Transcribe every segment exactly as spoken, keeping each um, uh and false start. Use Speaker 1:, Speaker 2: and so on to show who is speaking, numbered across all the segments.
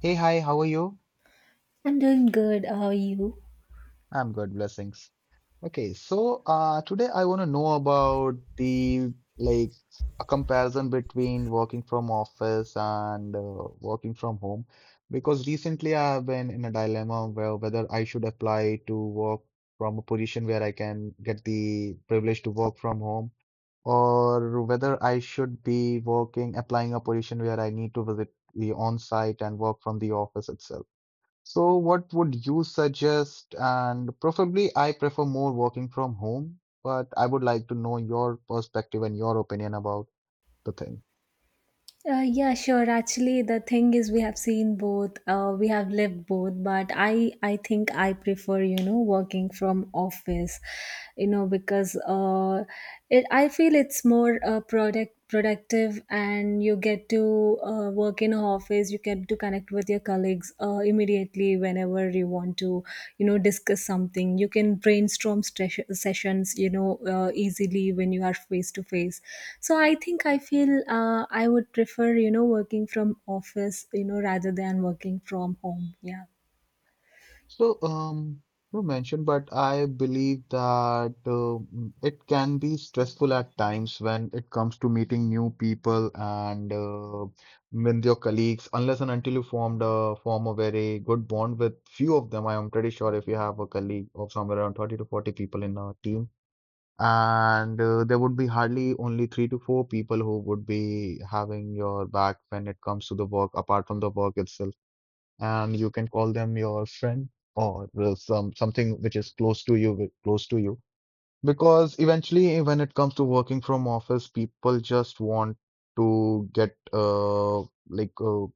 Speaker 1: Hey, hi, how are you?
Speaker 2: I'm doing good. How are you?
Speaker 1: I'm good, blessings. Okay, so uh, today I want to know about the like a comparison between working from office and uh, working from home, because recently I have been in a dilemma where whether I should apply to work from a position where I can get the privilege to work from home, or whether I should be working, applying a position where I need to visit the on-site and work from the office itself. So, what would you suggest? And preferably, I prefer more working from home, but I would like to know your perspective and your opinion about the thing.
Speaker 2: Uh, yeah, sure. Actually, the thing is, we have seen both. Uh, we have lived both, but I, I think I prefer, you know, working from office, you know, because uh, it, I feel it's more uh, product productive, and you get to uh, work in a office. You get get to connect with your colleagues uh, immediately whenever you want to, you know discuss something. You can brainstorm stres- sessions, you know uh, easily, when you are face to face. So i think i feel uh, i would prefer, you know working from office, you know rather than working from home. Yeah.
Speaker 1: So, um, you mentioned, but I believe that um it can be stressful at times when it comes to meeting new people and uh, with your colleagues, unless and until you formed a form a very good bond with few of them. I am pretty sure if you have a colleague of somewhere around thirty to forty people in a team. And uh, there would be hardly only three to four people who would be having your back when it comes to the work, apart from the work itself. And you can call them your friend, or uh, some something which is close to you, wi- close to you. Because eventually, when it comes to working from office, people just want to get uh like uh,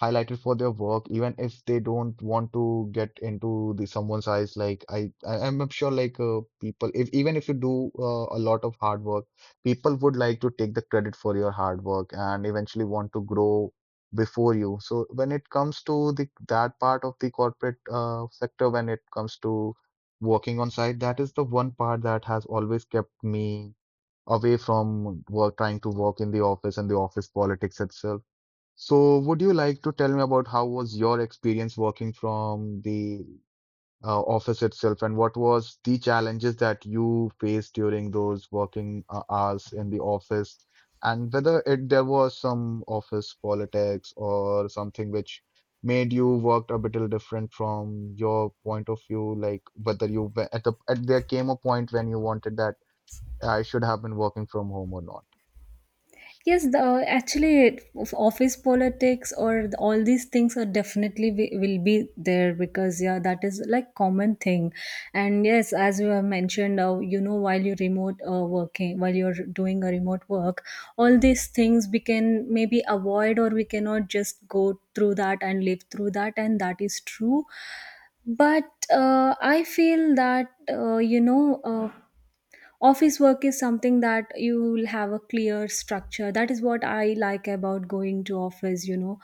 Speaker 1: highlighted for their work, even if they don't want to get into the someone's eyes. Like I, I I'm sure, like uh, people, if even if you do uh, a lot of hard work, people would like to take the credit for your hard work and eventually want to grow before you. So when it comes to the that part of the corporate uh, sector, when it comes to working on site, that is the one part that has always kept me away from work, trying to work in the office and the office politics itself. So, would you like to tell me about how was your experience working from the uh, office itself, and what was the challenges that you faced during those working uh, hours in the office, and whether it there was some office politics or something which made you worked a bit different from your point of view, like whether you were- at the at there came a point when you wanted that I should have been working from home or not.
Speaker 2: Yes, the uh, actually, it- of office politics or the- all these things are definitely wi- will be there, because, yeah, that is like common thing. And yes, as you have mentioned, uh, you know, while you remote uh, working, while you're doing a remote work, all these things we can maybe avoid, or we cannot just go through that and live through that, and that is true. But uh, I feel that, uh, you know. Uh, office work is something that you will have a clear structure. That is what I like about going to office, you know.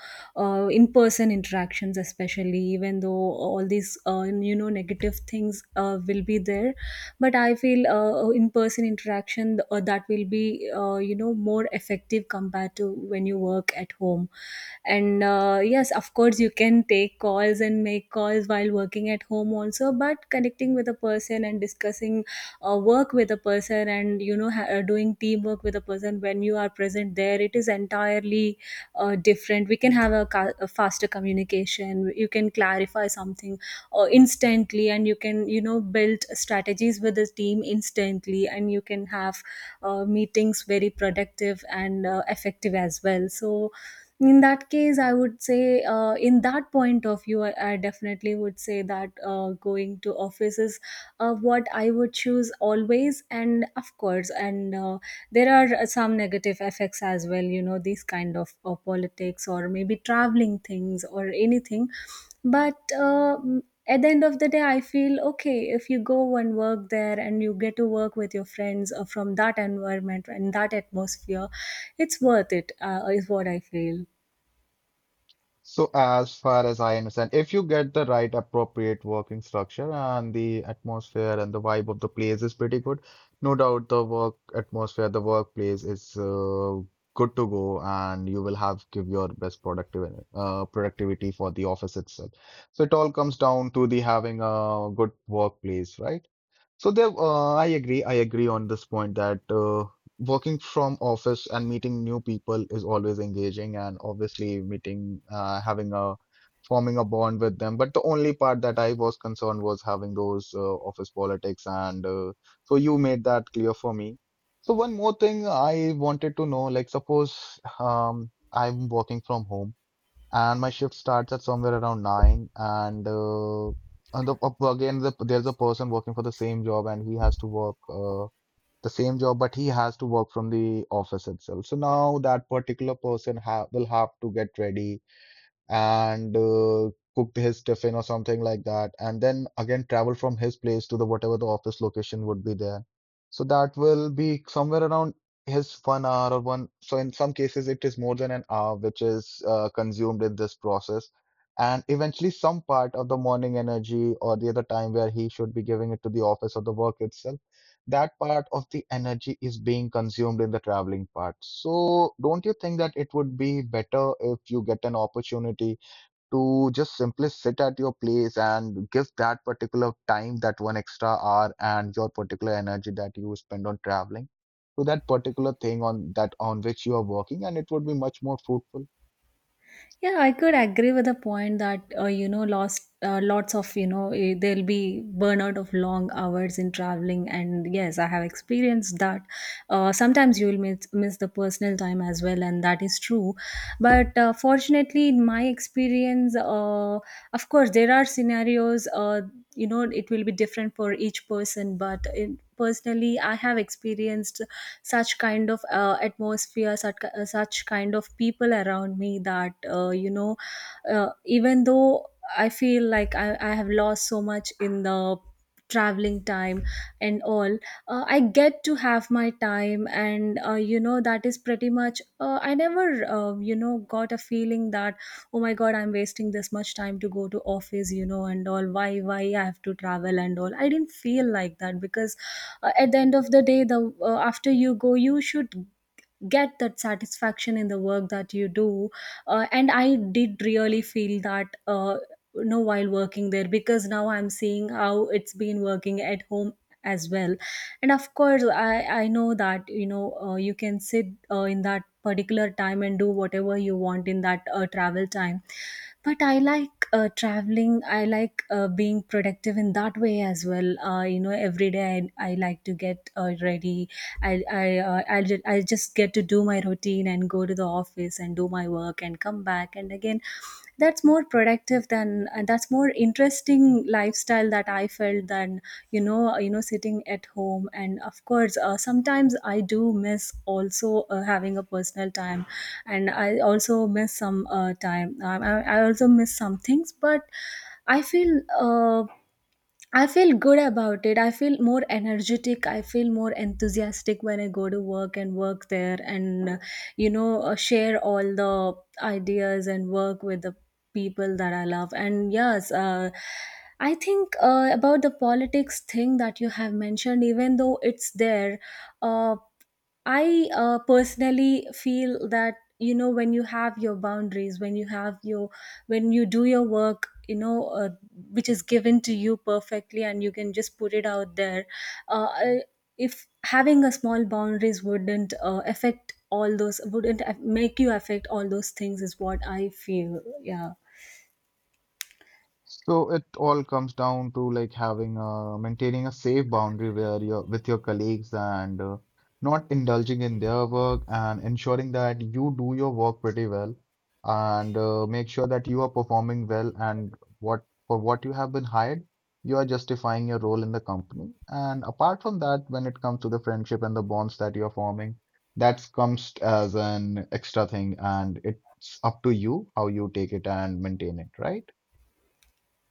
Speaker 2: uh, In person interactions, especially, even though all these uh, you know negative things uh, will be there, but I feel uh, in person interaction, uh, that will be, uh, you know more effective compared to when you work at home. And uh, yes, of course, you can take calls and make calls while working at home also, but connecting with a person and discussing uh, work with a person, and you know ha- uh, doing teamwork with a person when you are present there, it is entirely uh, different. We can have a, ca- a faster communication. You can clarify something uh, instantly, and you can, you know build strategies with the team instantly, and you can have uh, meetings very productive and uh, effective as well. So, in that case, I would say, uh, in that point of view, I, I definitely would say that uh, going to office is uh, what I would choose always. And of course, and uh, there are uh, some negative effects as well, you know, these kind of uh, politics or maybe traveling things or anything, but uh, m- at the end of the day I feel, okay, if you go and work there and you get to work with your friends uh, from that environment and that atmosphere, it's worth it, uh, is what I feel.
Speaker 1: So, as far as I understand, if you get the right appropriate working structure and the atmosphere and the vibe of the place is pretty good, no doubt the work atmosphere, the workplace is uh, good to go, and you will have give your best productive uh, productivity for the office itself. So it all comes down to the having a good workplace, right? So there, uh, I agree. I agree on this point that uh, working from office and meeting new people is always engaging, and obviously meeting, uh, having a forming a bond with them. But the only part that I was concerned was having those uh, office politics, and uh, so you made that clear for me. So one more thing I wanted to know, like suppose um, I'm working from home and my shift starts at somewhere around nine, and uh, and the, up again the, there's a person working for the same job and he has to work uh, the same job, but he has to work from the office itself. So now that particular person ha will have to get ready and uh, cooked his tiffin or something like that, and then again travel from his place to the whatever the office location would be there. So that will be somewhere around his one hour or one. So in some cases, it is more than an hour which is uh, consumed in this process. And eventually, some part of the morning energy or the other time where he should be giving it to the office or the work itself, that part of the energy is being consumed in the traveling part. So, don't you think that it would be better if you get an opportunity to just simply sit at your place and give that particular time, that one extra hour, and your particular energy that you spend on traveling to that particular thing on that on which you are working, and it would be much more fruitful?
Speaker 2: Yeah, I could agree with the point that, uh, you know, lost uh, lots of, you know, eh, there'll be burnout of long hours in traveling, and yes, I have experienced that. Uh, sometimes you will miss miss the personal time as well, and that is true. But uh, fortunately, in my experience, uh, of course, there are scenarios. Uh, you know, it will be different for each person, but, in, personally, I have experienced such kind of uh, atmosphere, such, uh, such kind of people around me, that, uh, you know uh, even though I feel like I, I have lost so much in the traveling time and all, uh, I get to have my time, and, uh, you know that is pretty much, uh, I never, uh, you know got a feeling that, oh my god, I'm wasting this much time to go to office, you know, and all. Why why I have to travel and all. I didn't feel like that, because uh, at the end of the day, the uh, after you go, you should get that satisfaction in the work that you do. Uh, and I did really feel that, uh, you know, while working there, because now I'm seeing how it's been working at home as well. And of course, i i know that, you know uh, you can sit uh, in that particular time and do whatever you want in that uh, travel time, but I like uh, traveling. I like uh, being productive in that way as well, uh, you know every day. I, I like to get uh, ready. I i uh, I'll, ju- i just get to do my routine and go to the office and do my work and come back, and again, that's more productive than, and that's more interesting lifestyle that I felt than, you know uh, you know sitting at home. And of course, uh, sometimes I do miss also uh, having a personal time, and I also miss some uh, time. Um, I, I also miss some things, but I feel, uh, I feel good about it. I feel more energetic. I feel more enthusiastic when I go to work and work there, and, uh, you know, uh, share all the ideas and work with the people that I love. And yes, uh, I think, uh, about the politics thing that you have mentioned, even though it's there, Uh, I uh, personally feel that, you know, when you have your boundaries, when you have your, when you do your work, you know uh, which is given to you perfectly, and you can just put it out there. Uh, I- if having a small boundaries wouldn't uh, affect all those, wouldn't aff- make you affect all those things, is what I feel. Yeah.
Speaker 1: So it all comes down to like having a maintaining a safe boundary where you're with your colleagues and uh, not indulging in their work and ensuring that you do your work pretty well, and uh, make sure that you are performing well and what for what you have been hired, you are justifying your role in the company. And apart from that, when it comes to the friendship and the bonds that you're forming, that comes as an extra thing and it's up to you how you take it and maintain it, right?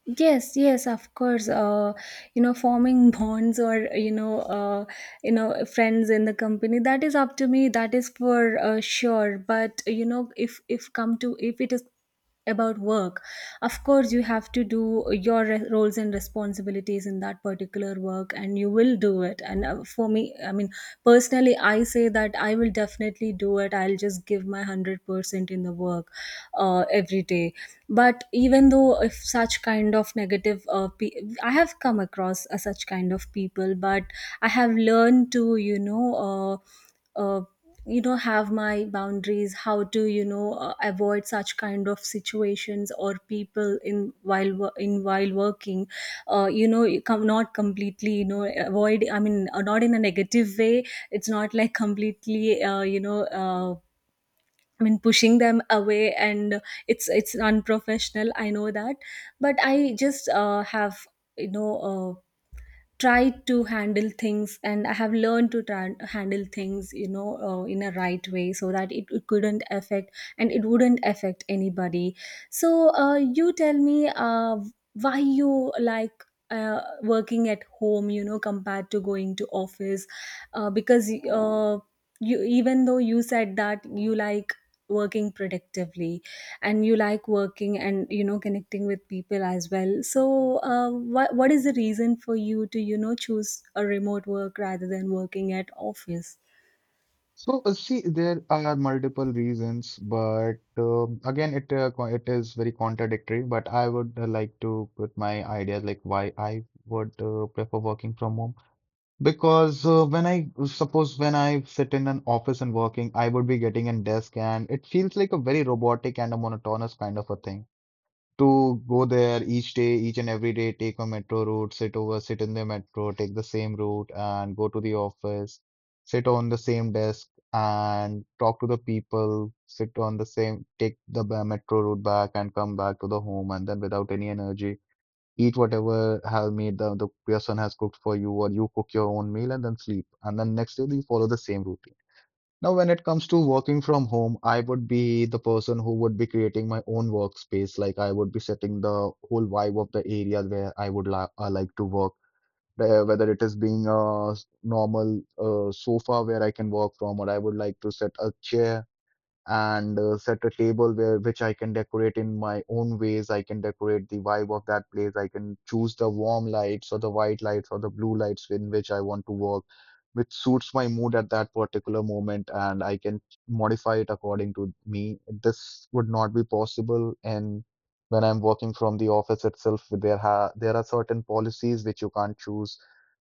Speaker 2: Yes, yes, of course. Uh, you know, forming bonds, or, you know, uh, you know, friends in the company, that is up to me. That is for uh, sure. But, you know, if if come to if it is about work, of course you have to do your re- roles and responsibilities in that particular work, and you will do it. And uh, for me, I mean, personally, I say that I will definitely do it. I'll just give my one hundred percent in the work, uh, uh, every day. But even though if such kind of negative, uh, pe- I have come across uh, such kind of people, but I have learned to, you know uh, uh, you know have my boundaries, how to, you know uh, avoid such kind of situations or people, in while wo- in while working. Uh, you know you come, not completely, you know, avoid, I mean, uh, not in a negative way. It's not like completely, uh, you know uh, I mean, pushing them away, and it's it's unprofessional. I know that, but I just uh, have, you know uh, tried to handle things, and I have learned to try, handle things, you know, uh, in a right way, so that it, it couldn't affect, and it wouldn't affect anybody. So, uh, you tell me, uh, why you like uh, working at home, you know, compared to going to office, uh, because uh, you, even though you said that you like working productively and you like working, and you know, connecting with people as well, so uh, what what is the reason for you to, you know, choose a remote work rather than working at office?
Speaker 1: So, uh, see, there are multiple reasons, but um again, it uh, co- it is very contradictory. But I would uh, like to put my ideas like why I would uh, prefer working from home. Because uh, when I suppose when I sit in an office and working, I would be getting a desk, and it feels like a very robotic and a monotonous kind of a thing to go there each day, each and every day, take a metro route, sit over, sit in the metro, take the same route and go to the office, sit on the same desk and talk to the people, sit on the same, take the ba- metro route back and come back to the home and then without any energy, eat whatever have made the, the person has cooked for you, or you cook your own meal and then sleep. And then next day you follow the same routine. Now, when it comes to working from home, I would be the person who would be creating my own workspace. Like I would be setting the whole vibe of the area where I would li uh, like to work. Uh, Whether it is being a s- normal uh, sofa where I can work from, or I would like to set a chair and uh, set a table where which I can decorate in my own ways. I can decorate the vibe of that place. I can choose the warm lights or the white lights or the blue lights in which I want to work, which suits my mood at that particular moment, and I can modify it according to me. This would not be possible in when I'm working from the office itself. There ha there are certain policies which you can't choose,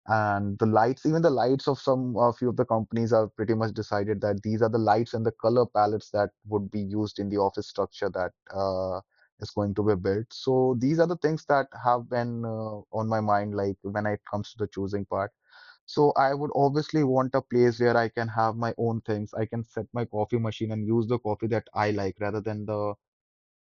Speaker 1: and the lights even the lights of some a few of the companies are pretty much decided that these are the lights and the color palettes that would be used in the office structure that uh, is going to be built. So these are the things that have been uh, on my mind, like when it comes to the choosing part. So I would obviously want a place where I can have my own things. I can set my coffee machine and use the coffee that I like rather than the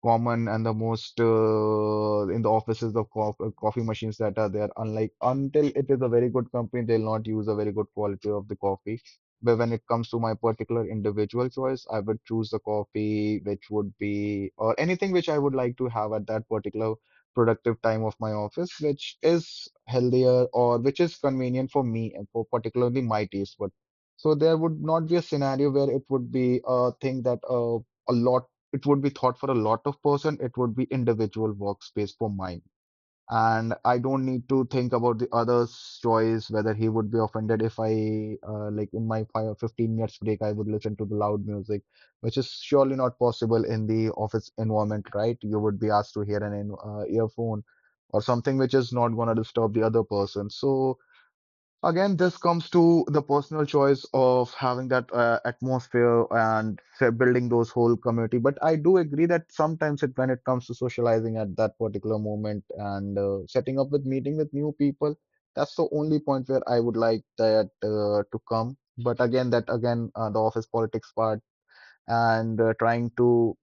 Speaker 1: common and the most uh, in the offices the co uh, coffee machines that are there, unlike until it is a very good company, they'll not use a very good quality of the coffee. But when it comes to my particular individual choice, I would choose the coffee which would be or anything which I would like to have at that particular productive time of my office, which is healthier or which is convenient for me and for particularly my taste. But so there would not be a scenario where it would be a thing that uh, a lot it would be thought for a lot of person, it would be individual workspace for mine. And I don't need to think about the other's choice, whether he would be offended if I uh, like in my five or fifteen minutes break I would listen to the loud music, which is surely not possible in the office environment, right? You would be asked to hear an in- uh, earphone or something which is not going to disturb the other person. So again, this comes to the personal choice of having that uh, atmosphere and say, building those whole community. But I do agree that sometimes it, when it comes to socializing at that particular moment and uh, setting up with meeting with new people, that's the only point where I would like that uh, to come. But again, that again, uh, the office politics part and uh, trying to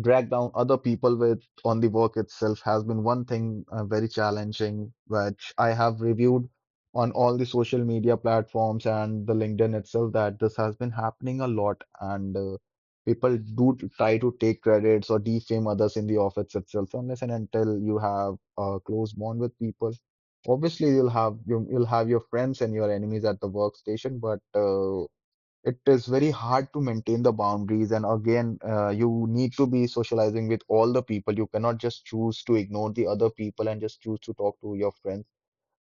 Speaker 1: drag down other people with on the work itself has been one thing uh, very challenging, which I have reviewed on all the social media platforms and the LinkedIn itself that this has been happening a lot, and uh, people do t- try to take credits or defame others in the office itself unless and until you have a close bond with people. Obviously, you'll have you, you'll have your friends and your enemies at the workstation, but uh, it is very hard to maintain the boundaries, and again uh, you need to be socializing with all the people. You cannot just choose to ignore the other people and just choose to talk to your friends.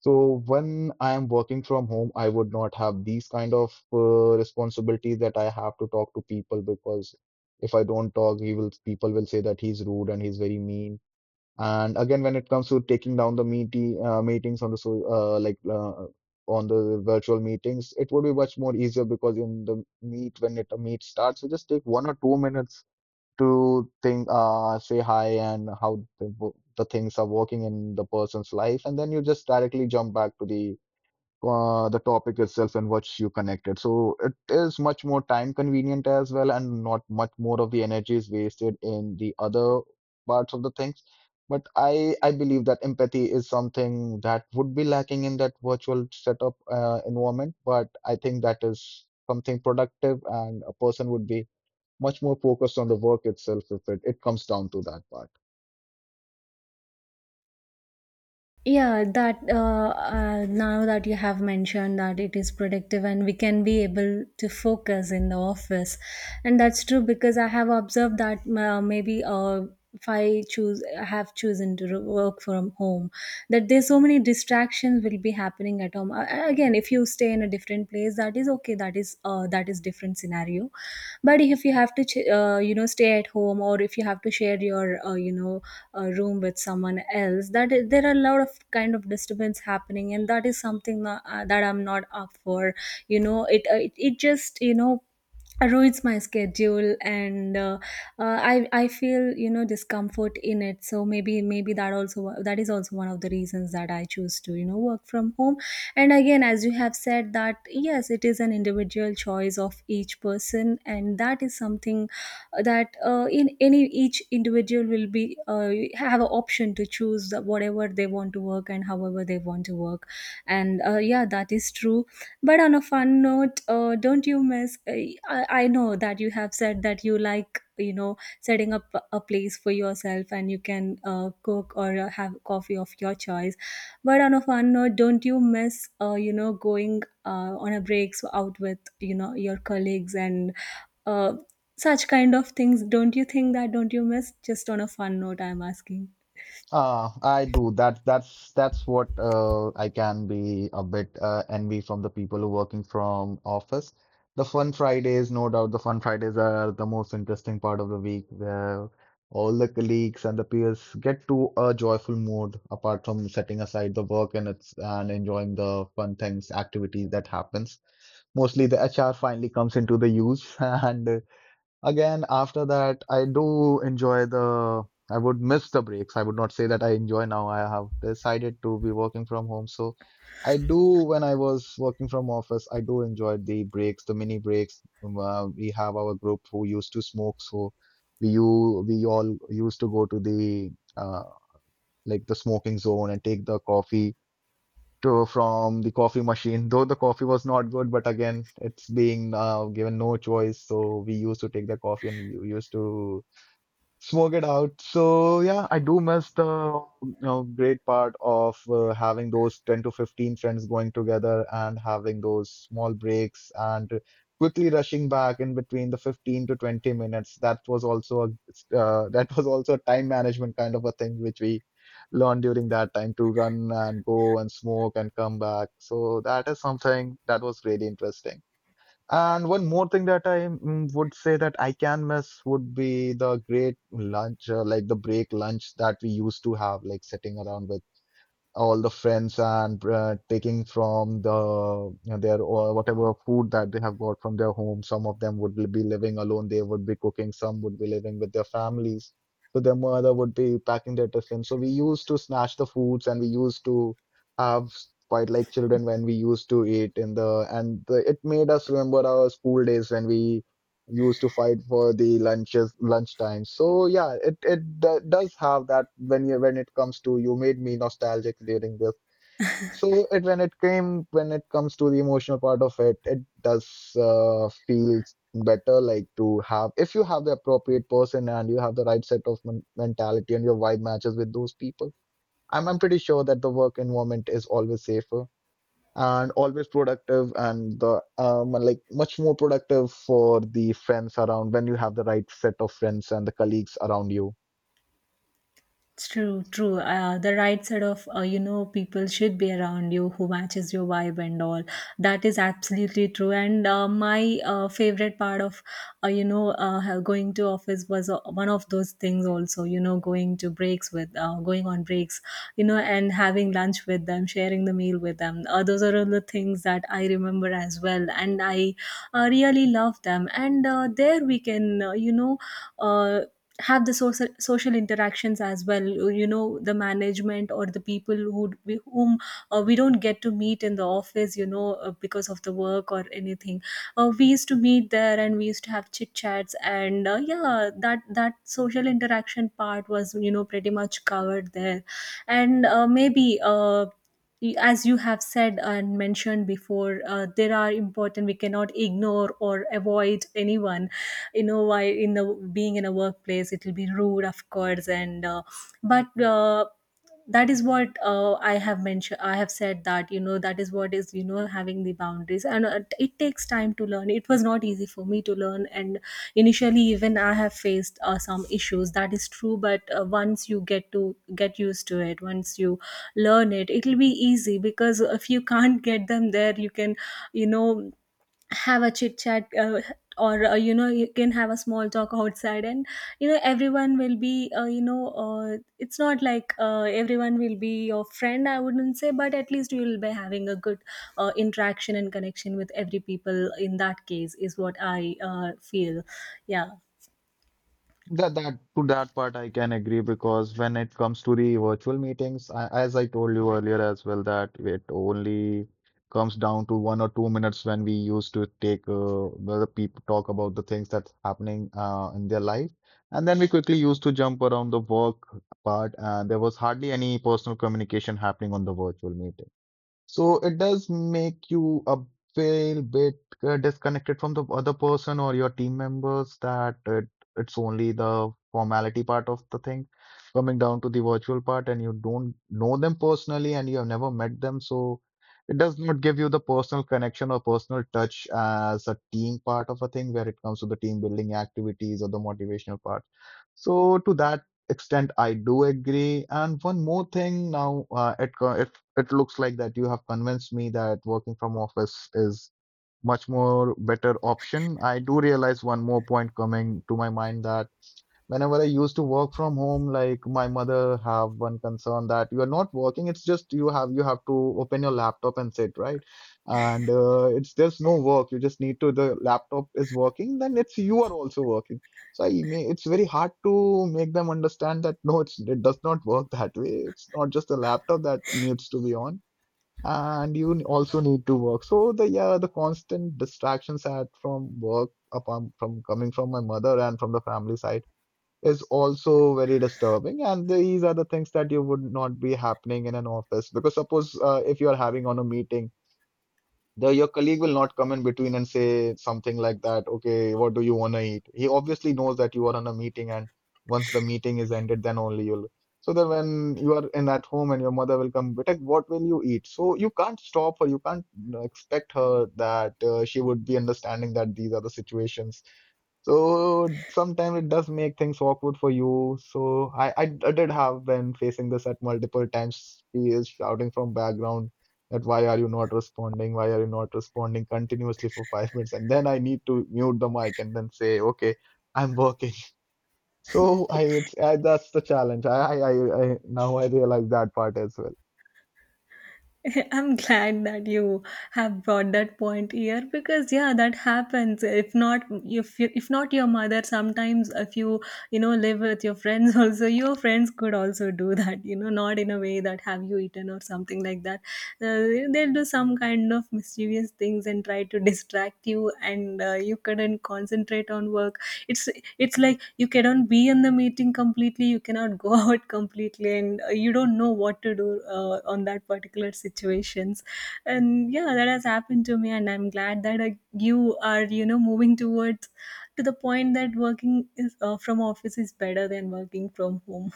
Speaker 1: So when I am working from home, I would not have these kind of uh, responsibilities that I have to talk to people, because if I don't talk, he will people will say that he's rude and he's very mean. And again, when it comes to taking down the meeting uh, meetings on the so uh, like uh, on the virtual meetings, it would be much more easier because in the meet when it a meet starts, you just take one or two minutes to think, uh, say hi and how the, the things are working in the person's life, and then you just directly jump back to the uh, the topic itself and what you connected. So it is much more time convenient as well, and not much more of the energy is wasted in the other parts of the things. But I I believe that empathy is something that would be lacking in that virtual setup uh, environment. But I think that is something productive, and a person would be much more focused on the work itself if it, it comes down to that part.
Speaker 2: Yeah, that uh, uh, now that you have mentioned that it is productive and we can be able to focus in the office, and that's true, because I have observed that, uh, maybe uh, if I choose I have chosen to ro- work from home, that there's so many distractions will be happening at home. A- again, if you stay in a different place, that is okay, that is uh, that is different scenario. But if you have to, ch- uh, you know stay at home, or if you have to share your, uh, you know uh, room with someone else, that is, there are a lot of kind of disturbance happening, and that is something tha- uh, that I'm not up for, you know. It, uh, it it just, you know, ruins my schedule, and uh, uh, i i feel, you know, discomfort in it. So, maybe maybe that also, that is also one of the reasons that I choose to, you know, work from home. And again, as you have said that, yes, it is an individual choice of each person, and that is something uh, that, uh, in any, each individual will be, uh, have an option to choose the- whatever they want to work and however they want to work. And uh, yeah, that is true. But, on a fun note, uh, don't you miss, uh, I, I know that you have said that you like, you know, setting up a place for yourself, and you can uh, cook or uh, have coffee of your choice. But on a fun note, don't you miss, uh, you know, going uh, on a breaks out with, you know, your colleagues and uh, such kind of things? Don't you think that? Don't you miss? Just on a fun note, I'm asking.
Speaker 1: Uh, I do. That that's that's what uh, I can be a bit uh, envy from the people who working from office. The fun Fridays, no doubt, the fun Fridays are the most interesting part of the week, where all the colleagues and the peers get to a joyful mood apart from setting aside the work, and it's and enjoying the fun things, activities that happens. Mostly the H R finally comes into the use and again, after that, I do enjoy the, I would miss the breaks. I would not say that I enjoy now. I have decided to be working from home. So I do, when I was working from office, I do enjoy the breaks, the mini breaks. Um, Uh, we have our group who used to smoke. So we, you, we all used to go to the, uh, like the smoking zone, and take the coffee True from the coffee machine, though the coffee was not good, but again, it's being uh, given no choice. So we used to take the coffee and we used to smoke it out. So yeah, I do miss the, you know, great part of uh, having those ten to fifteen friends going together and having those small breaks, and quickly rushing back in between the fifteen to twenty minutes. That was also a uh, that was also a time management kind of a thing, which we learned during that time to run and go and smoke and come back. So that is something that was really interesting. And one more thing that I mm, would say that I can miss would be the great lunch, uh, like the break lunch that we used to have, like sitting around with all the friends and uh, taking from the, you know, their or whatever food that they have got from their home. Some of them would be living alone, they would be cooking, some would be living with their families. So their mother would be packing their tiffin. So we used to snatch the foods and we used to have quite like children when we used to eat in the and the, it made us remember our school days when we used to fight for the lunches lunchtime. So yeah, it it d- does have that when you when it comes to, you made me nostalgic during this. So it when it came when it comes to the emotional part of it, it does uh, feel better, like to have, if you have the appropriate person and you have the right set of men- mentality and your vibe matches with those people, I'm, I'm pretty sure that the work environment is always safer and always productive, and the um, like much more productive for the friends around when you have the right set of friends and the colleagues around you.
Speaker 2: It's true, true. Uh, the right set of, uh, you know, people should be around you who matches your vibe and all. That is absolutely true. And uh, my uh, favorite part of, uh, you know, uh, going to office was uh, one of those things also, you know, going to breaks with, uh, going on breaks, you know, and having lunch with them, sharing the meal with them. Uh, those are all the things that I remember as well. And I uh, really love them. And uh, there we can, uh, you know, uh, have the social social interactions as well. You know, the management or the people who we, whom uh, we don't get to meet in the office, you know, uh, because of the work or anything, uh, we used to meet there and we used to have chit chats. And uh, yeah, that that social interaction part was, you know, pretty much covered there. And uh, maybe uh, y- as you have said and mentioned before, uh, there are important, we cannot ignore or avoid anyone, you know why, in the being in a workplace, it will be rude of course. And uh, but uh, that is what uh, I have mentioned, I have said that, you know, that is what is, you know, having the boundaries. And uh, it takes time to learn. It was not easy for me to learn. And initially even I have faced uh, some issues, that is true. But uh, once you get to get used to it, once you learn it, it'll be easy. Because if you can't get them there, you can, you know, have a chit chat, uh, or uh, you know, you can have a small talk outside. And you know, everyone will be, uh, you know uh, it's not like, uh, everyone will be your friend, I wouldn't say, but at least you will be having a good uh, interaction and connection with every people in that case, is what I uh, feel. Yeah.
Speaker 1: That that to that part I can agree, because when it comes to the virtual meetings, I, as I told you earlier as well, that it only comes down to one or two minutes, when we used to take uh, where the people talk about the things that's happening uh, in their life, and then we quickly used to jump around the work part, and there was hardly any personal communication happening on the virtual meeting. So it does make you a little bit uh, disconnected from the other person or your team members, that it, it's only the formality part of the thing coming down to the virtual part, and you don't know them personally and you have never met them. So it does not give you the personal connection or personal touch as a team part of a thing where it comes to the team building activities or the motivational part. So to that extent, I do agree. And one more thing now, uh, it co- it looks like that you have convinced me that working from office is much more better option. I do realize one more point coming to my mind, that whenever I used to work from home, like my mother have one concern that you are not working. It's just you have you have to open your laptop and sit right, and uh, it's there's no work. You just need to, the laptop is working, then it's you are also working. So I may, it's very hard to make them understand that no, it's, it does not work that way. It's not just the laptop that needs to be on, and you n- also need to work. So the yeah, the constant distractions at from work upon from coming from my mother and from the family side is also very disturbing. And these are the things that you would not be happening in an office, because suppose uh, if you are having on a meeting, the your colleague will not come in between and say something like that, okay, what do you want to eat? He obviously knows that you are on a meeting, and once the meeting is ended, then only you'll. So then when you are in at home and your mother will come, Bitek, what will you eat? So you can't stop her, you can't, you know, expect her that uh, she would be understanding that these are the situations. So sometimes it does make things awkward for you. So I, I, I did have been facing this at multiple times. He is shouting from background that why are you not responding? Why are you not responding continuously for five minutes? And then I need to mute the mic and then say, okay, I'm working. So I, it's, I, that's the challenge. I, I, I I- now I realize that part as well.
Speaker 2: I'm glad that you have brought that point here, because yeah, that happens. If not, if you, if not your mother, sometimes if you, you know, live with your friends, also your friends could also do that. You know, not in a way that have you eaten or something like that. Uh, they'll do some kind of mischievous things and try to distract you, and uh, you and concentrate on work. it's it's like you cannot be in the meeting completely, you cannot go out completely. And uh, you don't know what to do uh, on that particular situations. And yeah, that has happened to me. And I'm glad that uh, you are, you know, moving towards to the point that working is, uh, from office is better than working from home.